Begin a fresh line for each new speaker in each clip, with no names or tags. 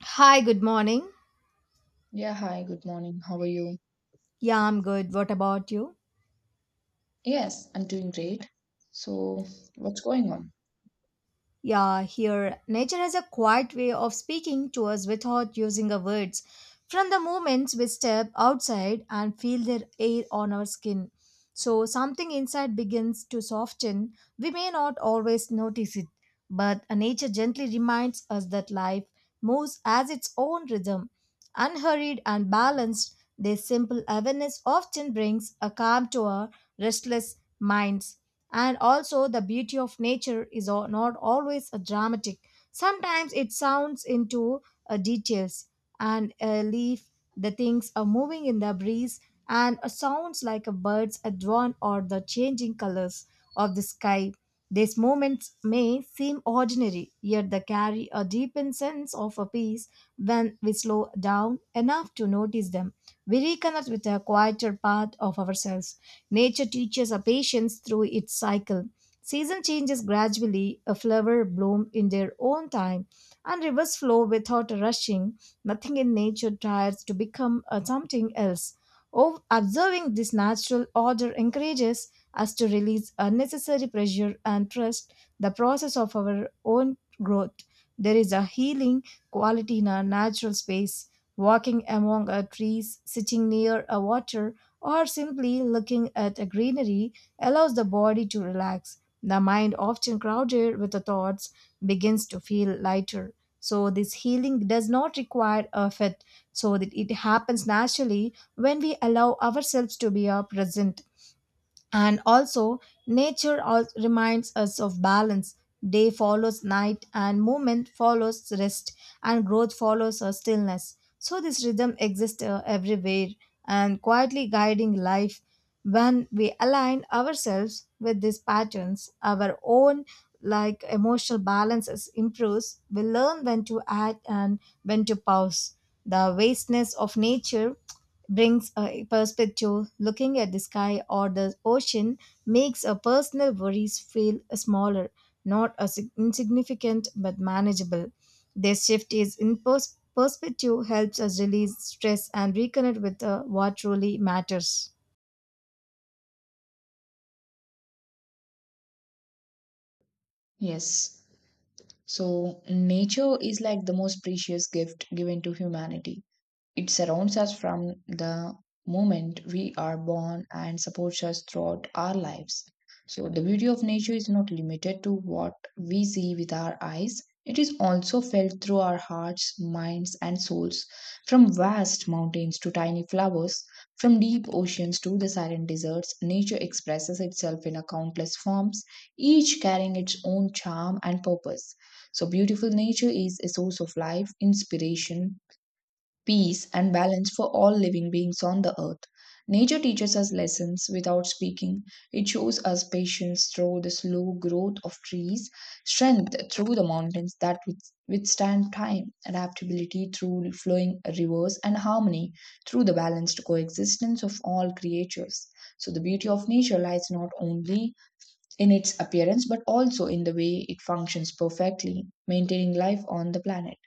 Hi, good morning.
Yeah, hi, good morning. How are you?
Yeah, I'm good. What about you?
Yes, I'm doing great. So, what's going on?
Yeah, here, nature has a quiet way of speaking to us without using our words. From the moment we step outside and feel their air on our skin, so something inside begins to soften. We may not always notice it, but nature gently reminds us that life moves as its own rhythm. Unhurried and balanced, this simple awareness often brings a calm to our restless minds. And also, the beauty of nature is not always a dramatic. Sometimes it sounds into details, and a leaf, the things are moving in the breeze, and a sounds like a bird's a drone or the changing colors of the sky. These moments may seem ordinary, yet they carry a deepened sense of a peace when we slow down enough to notice them. We reconnect with a quieter part of ourselves. Nature teaches our patience through its cycle. Season changes gradually, a flower bloom in their own time, and rivers flow without rushing. Nothing in nature tries to become something else. Observing this natural order encourages us to release unnecessary pressure and trust the process of our own growth. There is a healing quality in our natural space. Walking among our trees, sitting near a water, or simply looking at a greenery allows the body to relax. The mind, often crowded with the thoughts, begins to feel lighter. So, this healing does not require effort, so that it happens naturally when we allow ourselves to be present. And also, nature reminds us of balance. Day follows night, and movement follows rest, and growth follows a stillness. So, this rhythm exists everywhere and quietly guiding life. When we align ourselves with these patterns, our own like emotional balance is improves, we learn when to act and when to pause. The vastness of nature brings a perspective. Looking at the sky or the ocean makes our personal worries feel smaller, not as insignificant but manageable. This shift is in perspective helps us release stress and reconnect with what truly matters.
Yes. So, nature is like the most precious gift given to humanity. It surrounds us from the moment we are born and supports us throughout our lives. So, the beauty of nature is not limited to what we see with our eyes, it is also felt through our hearts, minds, and souls. From vast mountains to tiny flowers, from deep oceans to the silent deserts, nature expresses itself in a countless forms, each carrying its own charm and purpose. So, beautiful nature is a source of life, inspiration, peace, and balance for all living beings on the earth. Nature teaches us lessons without speaking. It shows us patience through the slow growth of trees, strength through the mountains that withstand time, adaptability through flowing rivers, and harmony through the balanced coexistence of all creatures. So, the beauty of nature lies not only in its appearance but also in the way it functions perfectly, maintaining life on the planet.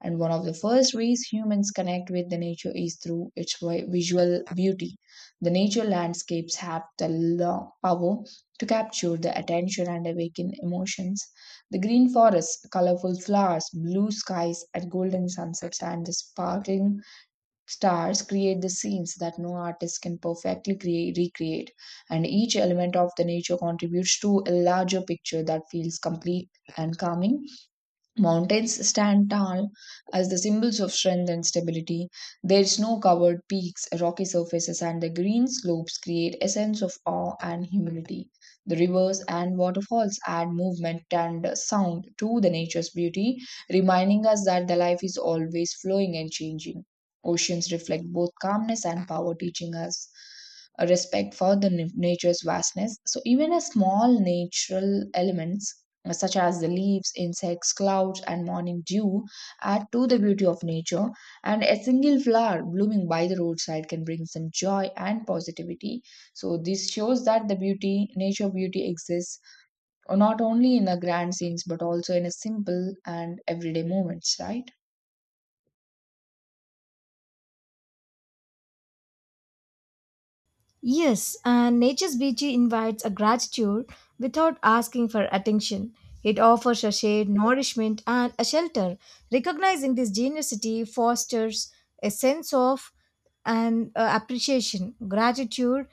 And one of the first ways humans connect with the nature is through its visual beauty. The nature landscapes have the power to capture the attention and awaken emotions. The green forests, colorful flowers, blue skies, and golden sunsets, and the sparkling stars create the scenes that no artist can perfectly recreate. And each element of the nature contributes to a larger picture that feels complete and calming. Mountains stand tall as the symbols of strength and stability. Their snow covered peaks, rocky surfaces, and the green slopes create a sense of awe and humility. The rivers and waterfalls add movement and sound to the nature's beauty, reminding us that the life is always flowing and changing. Oceans reflect both calmness and power, teaching us a respect for the nature's vastness. So, even a small natural elements such as the leaves, insects, clouds, and morning dew, add to the beauty of nature, and a single flower blooming by the roadside can bring some joy and positivity. So, this shows that nature beauty exists not only in the grand scenes but also in a simple and everyday moments, right?
Yes, and nature's beauty invites a gratitude without asking for attention. It offers a shade, nourishment, and a shelter. Recognizing this generosity fosters a sense of and appreciation. Gratitude,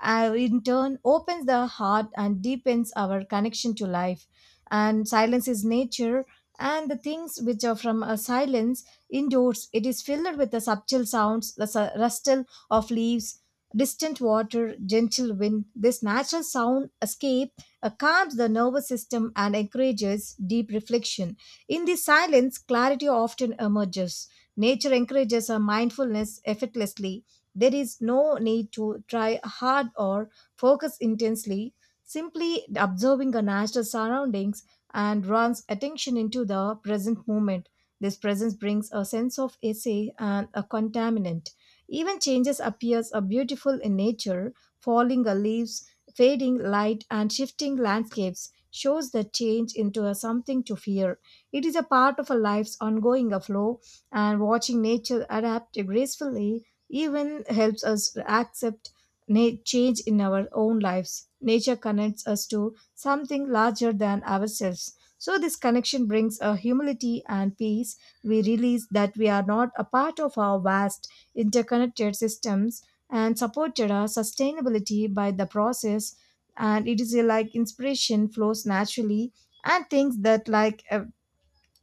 in turn, opens the heart and deepens our connection to life. And silence is nature, and the things which are from a silence indoors. It is filled with the subtle sounds, the rustle of leaves, distant water, gentle wind, this natural sound escape calms the nervous system and encourages deep reflection. In this silence, clarity often emerges. Nature encourages our mindfulness effortlessly. There is no need to try hard or focus intensely. Simply observing the natural surroundings and runs attention into the present moment. This presence brings a sense of essay and a contaminant. Even changes appears are beautiful in nature, falling leaves, fading light and shifting landscapes shows the change into a something to fear. It is a part of a life's ongoing flow and watching nature adapt gracefully even helps us accept change in our own lives. Nature connects us to something larger than ourselves. So, this connection brings a humility and peace we realize that we are not a part of our vast interconnected systems and supported our sustainability by the process and it is a, like inspiration flows naturally and things that like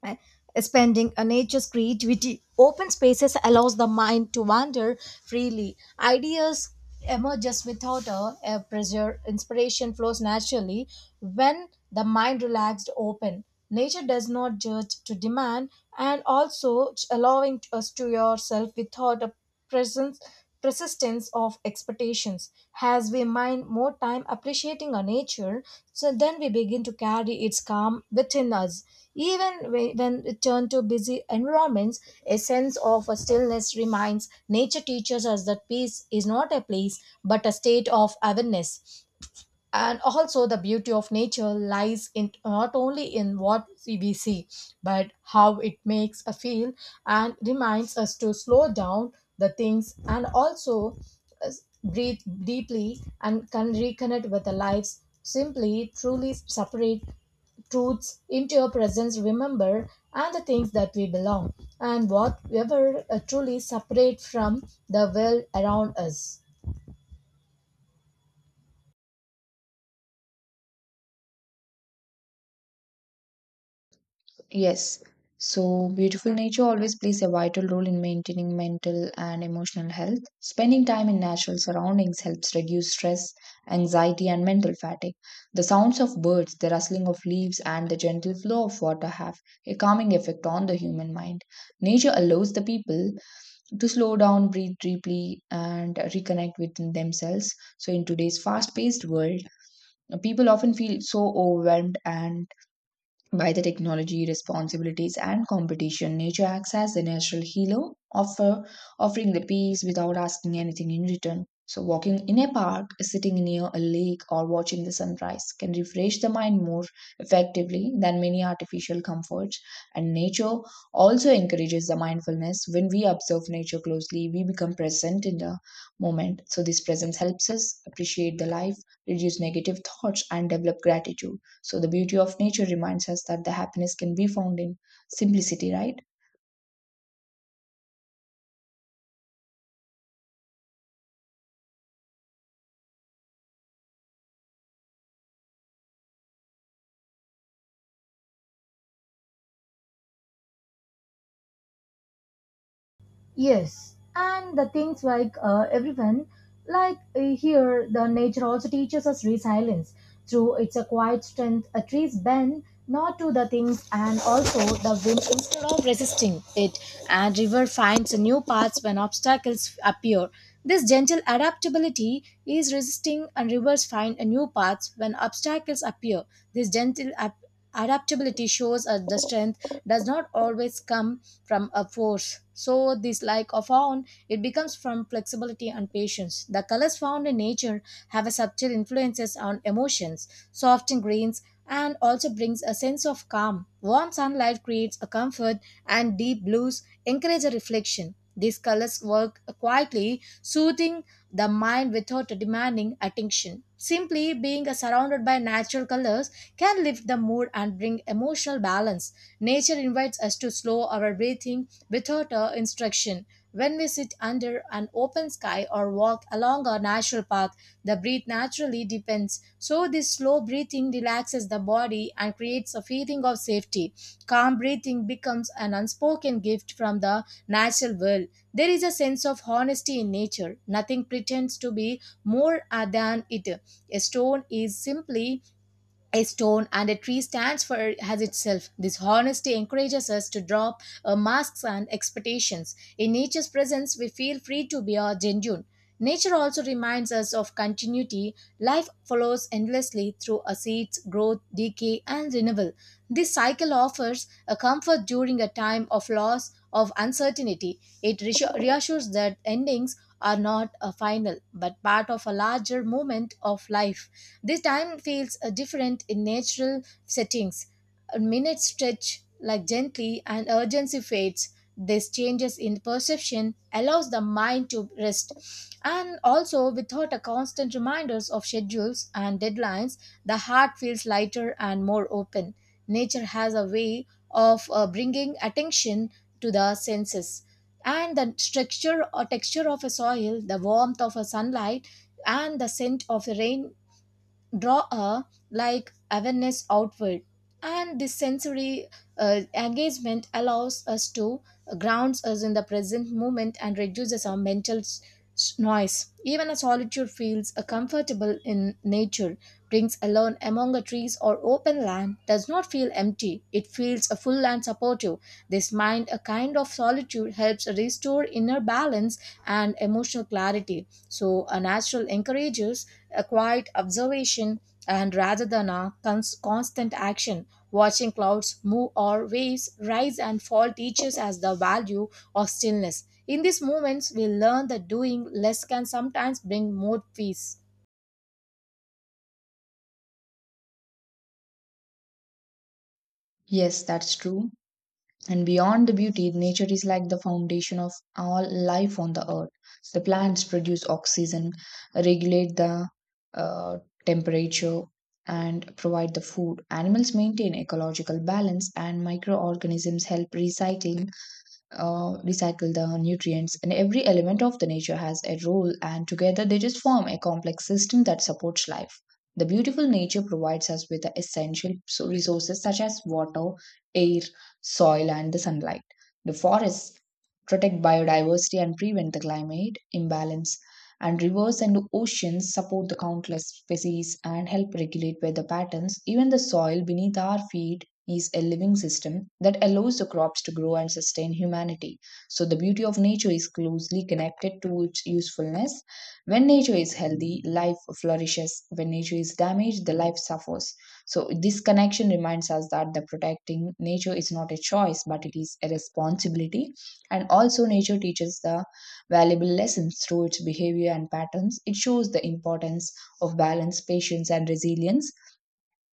uh, spending a nature's creativity open spaces allows the mind to wander freely ideas emerges without a pressure inspiration flows naturally when the mind relaxed open nature does not judge to demand and also allowing us to yourself without a presence, persistence of expectations. As we mind more time appreciating our nature, so then we begin to carry its calm within us. Even when we turn to busy environments, a sense of a stillness remains. Nature teaches us that peace is not a place, but a state of awareness and also the beauty of nature lies in not only in what we see but how it makes us feel and reminds us to slow down the things and also uh, breathe deeply and can reconnect with the lives simply truly separate truths into your presence remember and the things that we belong and whatever truly separate from the world around us.
Yes. So, beautiful nature always plays a vital role in maintaining mental and emotional health. Spending time in natural surroundings helps reduce stress, anxiety, and mental fatigue. The sounds of birds, the rustling of leaves, and the gentle flow of water have a calming effect on the human mind. Nature allows the people to slow down, breathe deeply, and reconnect within themselves. So, in today's fast paced world, people often feel so overwhelmed and by the technology, responsibilities, and competition, nature acts as the natural offering the peace without asking anything in return. So, walking in a park, sitting near a lake, or watching the sunrise can refresh the mind more effectively than many artificial comforts. And nature also encourages the mindfulness. When we observe nature closely, we become present in the moment. So, this presence helps us appreciate the life, reduce negative thoughts, and develop gratitude. So the beauty of nature reminds us that the happiness can be found in simplicity, right?
Yes, and the things like everyone, like here, the nature also teaches us resilience through its a quiet strength. A trees bend not to the things, and also the wind instead of resisting it, and river finds new paths when obstacles appear. This gentle adaptability is resisting, and rivers find a new paths when obstacles appear. This gentle adaptability shows us the strength does not always come from a force. So, this like of found, it becomes from flexibility and patience. The colors found in nature have a subtle influences on emotions, soft greens, and also brings a sense of calm. Warm sunlight creates a comfort, and deep blues encourage a reflection. These colors work quietly, soothing the mind without demanding attention. Simply being surrounded by natural colors can lift the mood and bring emotional balance. Nature invites us to slow our breathing without instruction. When we sit under an open sky or walk along a natural path, the breath naturally deepens. So, this slow breathing relaxes the body and creates a feeling of safety. Calm breathing becomes an unspoken gift from the natural world. There is a sense of honesty in nature. Nothing pretends to be more than it. A stone is simply a stone and a tree stands for as itself. This honesty encourages us to drop masks and expectations. In nature's presence, we feel free to be our genuine. Nature also reminds us of continuity. Life follows endlessly through a seeds, growth, decay, and renewal. This cycle offers a comfort during a time of loss, of uncertainty. It reassures that endings are not a final, but part of a larger movement of life. This time feels different in natural settings. A minute stretch like gently and urgency fades. This changes in perception allows the mind to rest. And also without a constant reminders of schedules and deadlines, the heart feels lighter and more open. Nature has a way of bringing attention to the senses and the structure or texture of a soil the warmth of a sunlight and the scent of the rain draw a like awareness outward and this sensory engagement allows us to grounds us in the present moment and reduces our mental noise. Even a solitude feels a comfortable in nature, brings alone among a trees or open land, does not feel empty. It feels a full and supportive. This mind, a kind of solitude, helps restore inner balance and emotional clarity. So, a natural encourages a quiet observation and rather than a constant action watching clouds move or waves rise and fall teaches us the value of stillness in these moments we learn that doing less can sometimes bring more peace.
Yes, that's true. And beyond the beauty, nature is like the foundation of all life on the earth. The plants produce oxygen, regulate the uh, temperature, and provide the food. Animals maintain ecological balance, and microorganisms help recycling recycle the nutrients, and every element of the nature has a role, and together they just form a complex system that supports life. The beautiful nature provides us with the essential resources such as water, air, soil, and the sunlight. The forests protect biodiversity and prevent the climate imbalance, and rivers and oceans support the countless species and help regulate weather patterns. Even the soil beneath our feet is a living system that allows the crops to grow and sustain humanity. So, the beauty of nature is closely connected to its usefulness. When nature is healthy, life flourishes. When nature is damaged, the life suffers. So, this connection reminds us that the protecting nature is not a choice, but it is a responsibility. And also, nature teaches the valuable lessons through its behavior and patterns. It shows the importance of balance, patience, and resilience.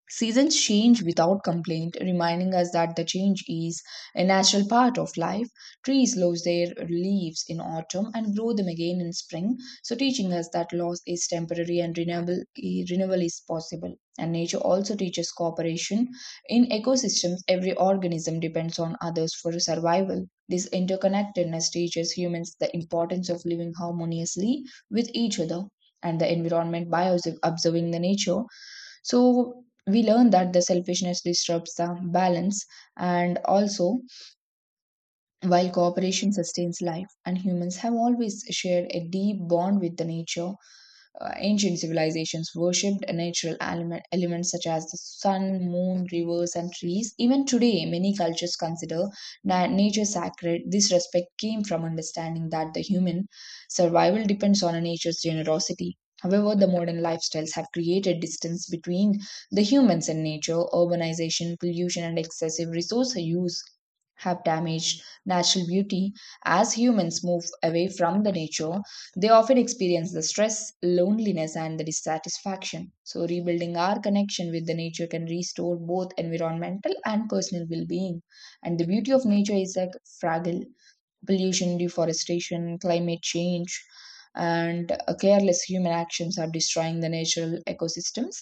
Seasons change without complaint, reminding us that the change is a natural part of life. Trees lose their leaves in autumn and grow them again in spring, so teaching us that loss is temporary and renewal is possible. And nature also teaches cooperation. In ecosystems, every organism depends on others for survival. This interconnectedness teaches humans the importance of living harmoniously with each other and the environment by observing the nature, so we learn that the selfishness disrupts the balance, and also while cooperation sustains life. And humans have always shared a deep bond with the nature. Ancient civilizations worshipped natural elements such as the sun, moon, rivers, and trees. Even today, many cultures consider nature sacred. This respect came from understanding that the human survival depends on nature's generosity. However, the modern lifestyles have created distance between the humans and nature. Urbanization, pollution, and excessive resource use have damaged natural beauty. As humans move away from the nature, they often experience the stress, loneliness, and the dissatisfaction. So, rebuilding our connection with the nature can restore both environmental and personal well being. And the beauty of nature is like fragile. Pollution, deforestation, climate change, and careless human actions are destroying the natural ecosystems.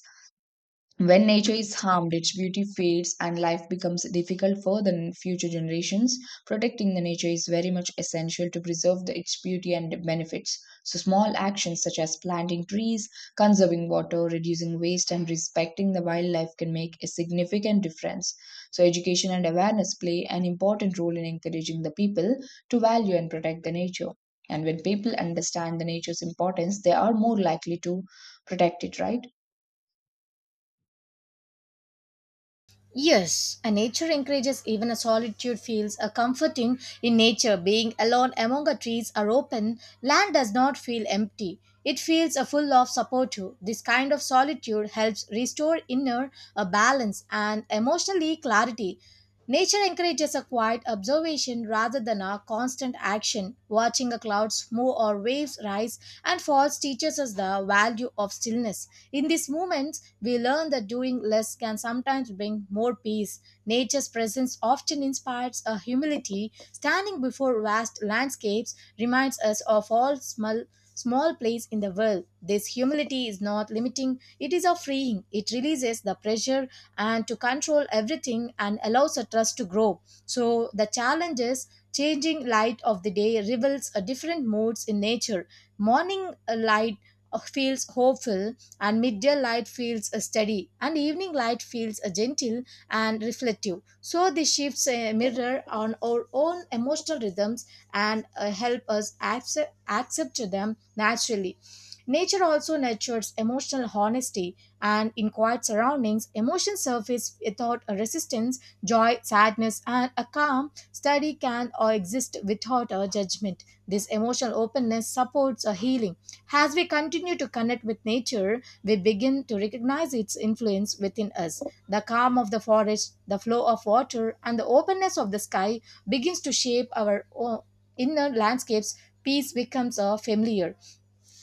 When nature is harmed, its beauty fades and life becomes difficult for the future generations. Protecting the nature is very much essential to preserve its beauty and benefits. So, small actions such as planting trees, conserving water, reducing waste, and respecting the wildlife can make a significant difference. So, education and awareness play an important role in encouraging the people to value and protect the nature. And when people understand the nature's importance, they are more likely to protect it, right?
Yes, and nature encourages even a solitude feels a comforting in nature. Being alone among the trees or open land does not feel empty. It feels a full of support. This kind of solitude helps restore inner a balance and emotionally clarity. Nature encourages a quiet observation rather than a constant action. Watching the clouds move or waves rise and falls teaches us the value of stillness. In these moments, we learn that doing less can sometimes bring more peace. Nature's presence often inspires a humility. Standing before vast landscapes reminds us of all small place in the world. This humility is not limiting, it is a freeing. It releases the pressure and to control everything and allows a trust to grow. So the challenge is changing light of the day reveals a different moods in nature. Morning light feels hopeful, and midday light feels steady and evening light feels gentle and reflective so these shifts mirror on our own emotional rhythms and help us accept them naturally nature also nurtures emotional honesty and in quiet surroundings emotions surface without a resistance joy sadness and a calm study can or exist without a judgment this emotional openness supports a healing as we continue to connect with nature we begin to recognize its influence within us. The calm of the forest, the flow of water, and the openness of the sky begins to shape our inner landscapes. Peace becomes a familiar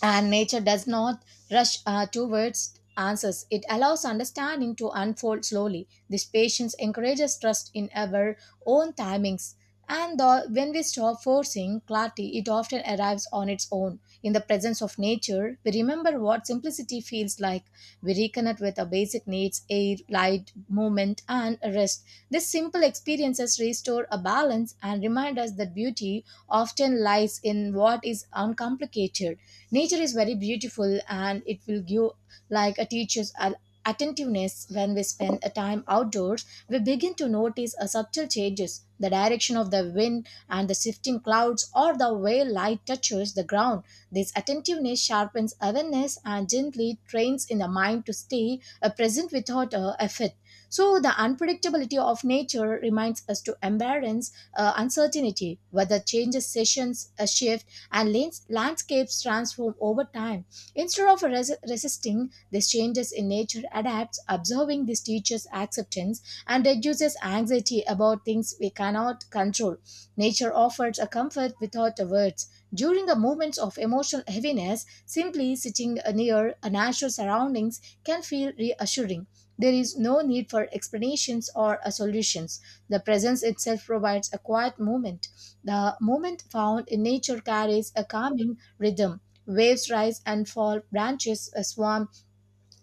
and nature does not rush towards answers. It allows understanding to unfold slowly. This patience encourages trust in our own timings. And the, when we stop forcing clarity, it often arrives on its own. In the presence of nature, we remember what simplicity feels like. We reconnect with our basic needs air, light, movement, and rest. These simple experiences restore a balance and remind us that beauty often lies in what is uncomplicated. Nature is very beautiful and it will give like a teacher's attentiveness. When we spend a time outdoors, we begin to notice a subtle changes, the direction of the wind and the shifting clouds, or the way light touches the ground. This attentiveness sharpens awareness and gently trains in the mind to stay present without effort. So the unpredictability of nature reminds us to embrace uncertainty, whether changes sessions a shift and landscapes transform over time. Instead of resisting these changes in nature, adapts, observing this teaches acceptance and reduces anxiety about things we cannot control. Nature offers a comfort without words. During the moments of emotional heaviness, simply sitting near natural surroundings can feel reassuring. There is no need for explanations or solutions. The presence itself provides a quiet moment. The moment found in nature carries a calming rhythm. Waves rise and fall, branches swarm,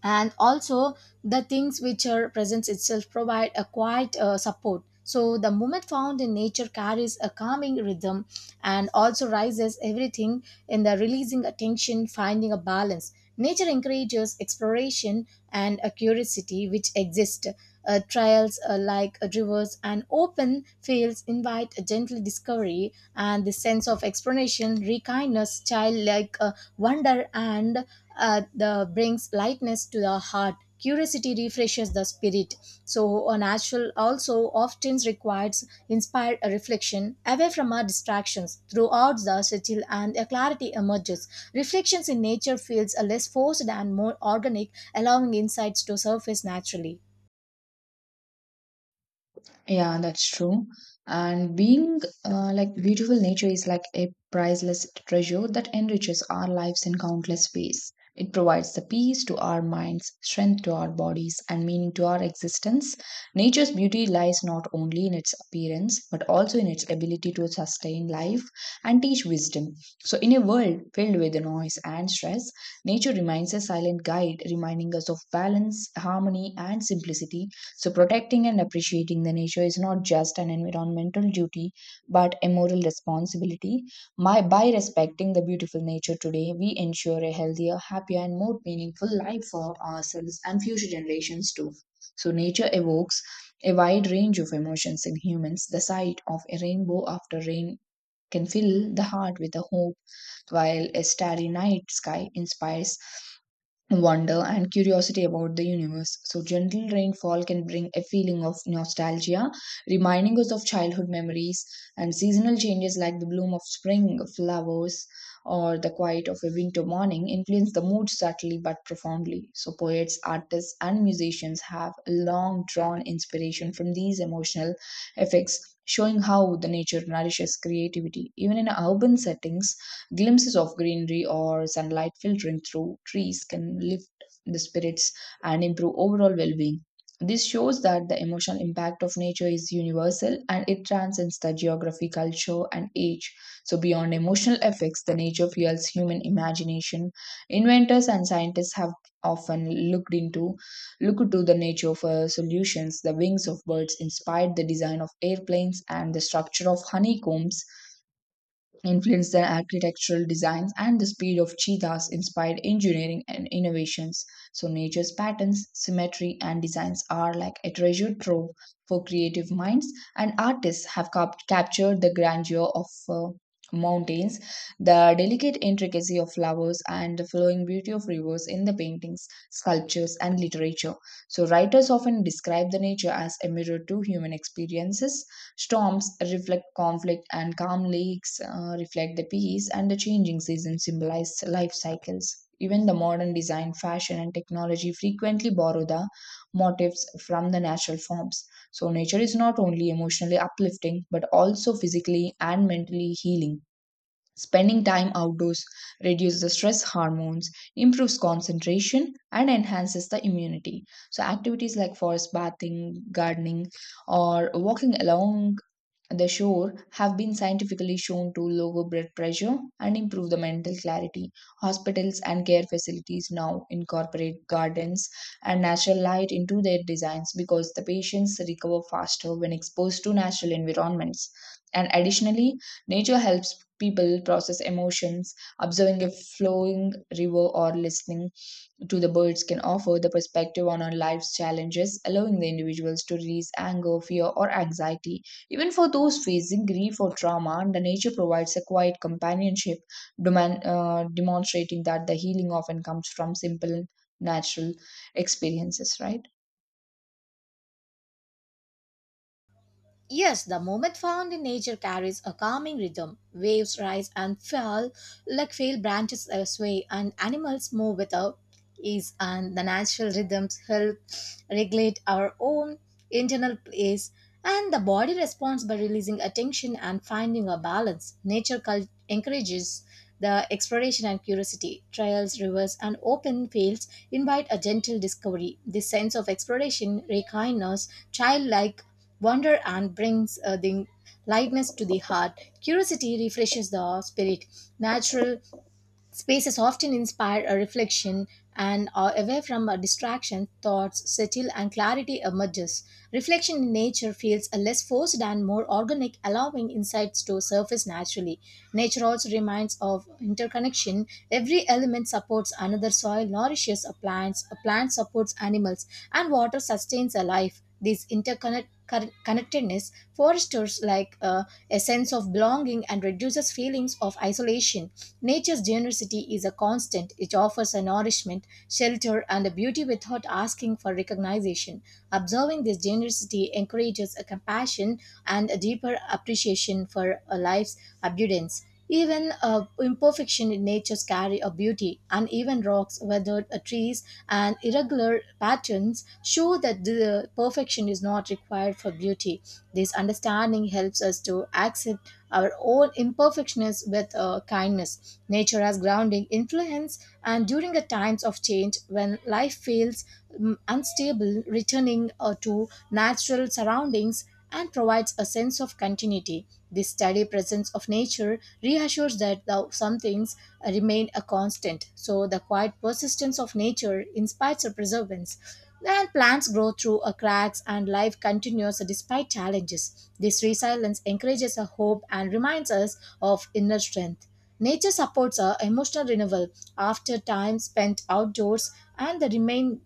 and also the things which are presence itself provide a quiet support. So the movement found in nature carries a calming rhythm and also rises everything in the releasing attention, finding a balance. Nature encourages exploration and a curiosity which exist trials, like rivers and open fields, invite a gentle discovery, and the sense of exploration rekindness childlike wonder, and the brings lightness to the heart. Curiosity refreshes the spirit. So a natural also often requires inspired reflection away from our distractions. Throughout the settle and a clarity emerges, reflections in nature feels less forced and more organic, allowing insights to surface naturally.
Yeah, that's true. And being like beautiful nature is like a priceless treasure that enriches our lives in countless ways. It provides the peace to our minds, strength to our bodies, and meaning to our existence. Nature's beauty lies not only in its appearance, but also in its ability to sustain life and teach wisdom. So, in a world filled with noise and stress, nature remains a silent guide, reminding us of balance, harmony, and simplicity. So, protecting and appreciating the nature is not just an environmental duty but a moral responsibility. By respecting the beautiful nature today, we ensure a healthier, happier, and more meaningful life for ourselves and future generations too. So, nature evokes a wide range of emotions in humans. The sight of a rainbow after rain can fill the heart with a hope, while a starry night sky inspires wonder and curiosity about the universe. So, gentle rainfall can bring a feeling of nostalgia, reminding us of childhood memories, and seasonal changes like the bloom of spring flowers or the quiet of a winter morning influence the mood subtly but profoundly. So, poets, artists, and musicians have long drawn inspiration from these emotional effects. Showing how the nature nourishes creativity. Even in urban settings, glimpses of greenery or sunlight filtering through trees can lift the spirits and improve overall well being. This shows that the emotional impact of nature is universal and it transcends the geography, culture, and age. So, beyond emotional effects, the nature fuels human imagination. Inventors and scientists have often looked to the nature for solutions. The wings of birds inspired the design of airplanes, and the structure of honeycombs influenced their architectural designs, and the speed of cheetahs inspired engineering and innovations. So, nature's patterns, symmetry, and designs are like a treasure trove for creative minds, and artists have captured the grandeur of mountains, the delicate intricacy of flowers, and the flowing beauty of rivers in the paintings, sculptures, and literature. So, writers often describe the nature as a mirror to human experiences. Storms reflect conflict, and calm lakes reflect the peace, and the changing seasons symbolize life cycles. Even the modern design, fashion, and technology frequently borrow the motifs from the natural forms. So, nature is not only emotionally uplifting but also physically and mentally healing. Spending time outdoors reduces the stress hormones, improves concentration, and enhances the immunity. So, activities like forest bathing, gardening, or walking along the shore have been scientifically shown to lower blood pressure and improve the mental clarity. Hospitals and care facilities now incorporate gardens and natural light into their designs because the patients recover faster when exposed to natural environments. And additionally, nature helps people process emotions, observing a flowing river or listening to the birds can offer the perspective on our life's challenges, allowing the individuals to release anger, fear, or anxiety. Even for those facing grief or trauma, the nature provides a quiet companionship, demonstrating that the healing often comes from simple, natural experiences, right?
Yes, the movement found in nature carries a calming rhythm. Waves rise and fall like frail branches sway, and animals move without ease. And the natural rhythms help regulate our own internal pace, and the body responds by releasing attention and finding a balance. Nature encourages the exploration and curiosity. Trails, rivers, and open fields invite a gentle discovery. This sense of exploration rekindles childlike wonder and brings the lightness to the heart. Curiosity refreshes the spirit. Natural spaces often inspire a reflection, and are away from a distraction, thoughts settle and clarity emerges. Reflection in nature feels less forced and more organic, allowing insights to surface naturally. Nature also reminds of interconnection. Every element supports another, soil nourishes a plants, a plant supports animals, and water sustains a life. This connectedness fosters like a sense of belonging and reduces feelings of isolation. Nature's generosity is a constant. It offers a nourishment, shelter, and a beauty without asking for recognition. Observing this generosity encourages a compassion and a deeper appreciation for a life's abundance. Even imperfection in nature's carry a beauty. Uneven rocks, weathered trees, and irregular patterns show that the perfection is not required for beauty. This understanding helps us to accept our own imperfections with kindness. Nature has grounding influence, and during the times of change, when life feels unstable, returning to natural surroundings and provides a sense of continuity. This steady presence of nature reassures that though some things remain a constant, so the quiet persistence of nature inspires a perseverance. Then plants grow through a cracks and life continues despite challenges. This resilience encourages a hope and reminds us of inner strength. Nature supports our emotional renewal after time spent outdoors, and the remain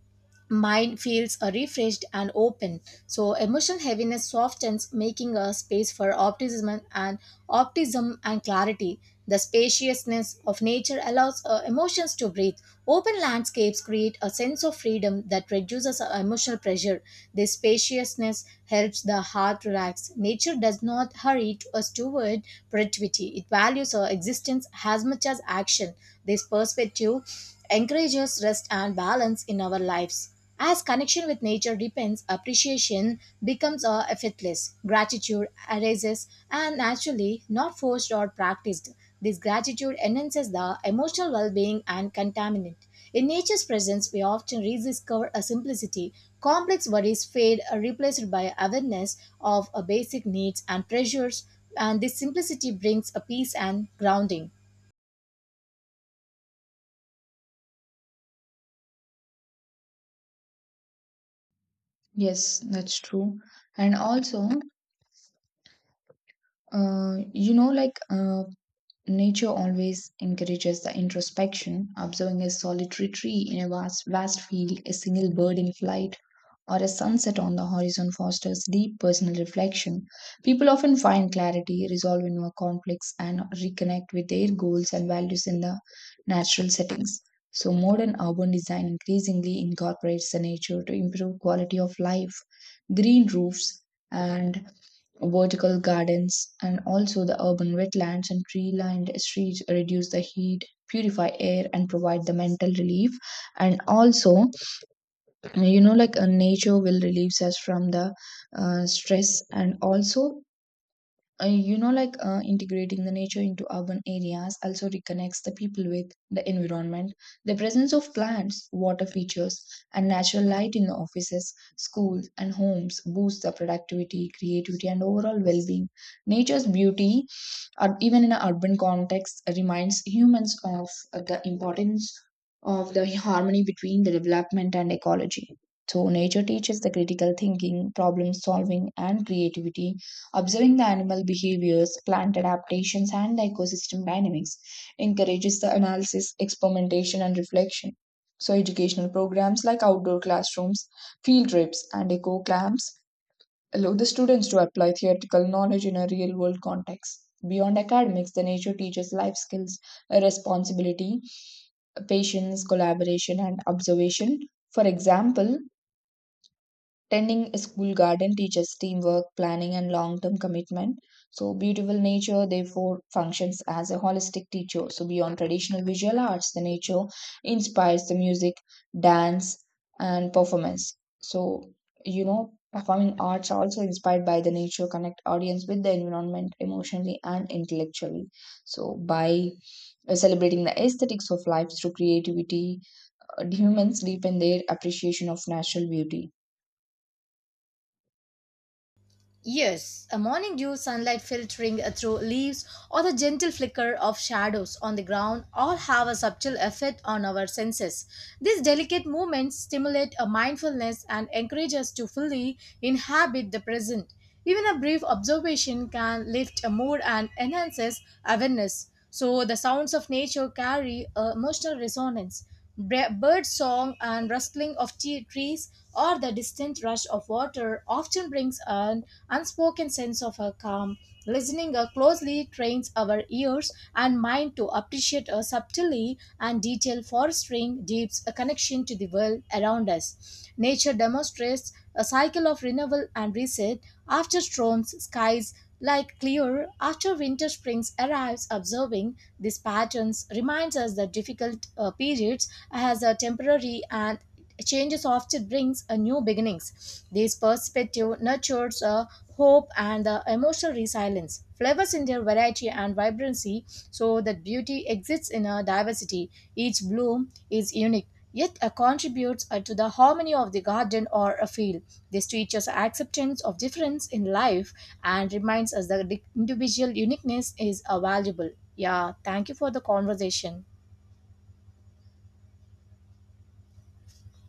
mind feels refreshed and open. So emotional heaviness softens, making a space for optimism and clarity. The spaciousness of nature allows emotions to breathe. Open landscapes create a sense of freedom that reduces our emotional pressure. This spaciousness helps the heart relax. Nature does not hurry to us toward productivity. It values our existence as much as action. This perspective encourages rest and balance in our lives. As connection with nature deepens, appreciation becomes effortless. Gratitude arises and naturally not forced or practiced. This gratitude enhances the emotional well being and contaminant. In nature's presence, we often rediscover a simplicity. Complex worries fade, are replaced by awareness of basic needs and pressures, and this simplicity brings a peace and grounding.
Yes, that's true. And also, uh, you know, like uh, nature always encourages the introspection. Observing a solitary tree in a vast field, a single bird in flight, or a sunset on the horizon fosters deep personal reflection. People often find clarity, resolve in more conflicts, and reconnect with their goals and values in the natural settings. So, modern urban design increasingly incorporates the nature to improve quality of life. Green roofs and vertical gardens and also the urban wetlands and tree lined streets reduce the heat, purify air, and provide the mental relief. And also, nature will release us from the stress, and also, integrating the nature into urban areas also reconnects the people with the environment. The presence of plants, water features, and natural light in the offices, schools, and homes boosts the productivity, creativity, and overall well-being. Nature's beauty, or even in an urban context, reminds humans of the importance of the harmony between the development and ecology. So, nature teaches the critical thinking, problem solving, and creativity, observing the animal behaviors, plant adaptations, and the ecosystem dynamics, encourages the analysis, experimentation, and reflection. So, educational programs like outdoor classrooms, field trips, and eco camps allow the students to apply theoretical knowledge in a real world context. Beyond academics, the nature teaches life skills, responsibility, patience, collaboration, and observation. For example, tending a school garden teaches teamwork, planning, and long term commitment. So, beautiful nature therefore functions as a holistic teacher. So, beyond traditional visual arts, the nature inspires the music, dance, and performance. So, you know, performing arts are also inspired by the nature, connect audience with the environment emotionally and intellectually. So, by celebrating the aesthetics of life through creativity, humans deepen their appreciation of natural beauty.
Yes, a morning dew, sunlight filtering through leaves, or the gentle flicker of shadows on the ground all have a subtle effect on our senses. These delicate movements stimulate a mindfulness and encourage us to fully inhabit the present. Even a brief observation can lift a mood and enhances awareness. So the sounds of nature carry a emotional resonance. Bird song and rustling of trees or the distant rush of water often brings an unspoken sense of a calm. Listening closely trains our ears and mind to appreciate a subtlety and detail, fostering deeps a connection to the world around us. Nature demonstrates a cycle of renewal and reset. After storms, skies like clear, after winter springs arrives, observing these patterns reminds us that difficult periods as a temporary and changes often brings a new beginnings. This perspective nurtures a hope and the emotional resilience, flavors in their variety and vibrancy, so that beauty exists in a diversity. Each bloom is unique, yet a contributes to the harmony of the garden or a field. This teaches acceptance of difference in life and reminds us that the individual uniqueness is valuable. Yeah, thank you for the conversation.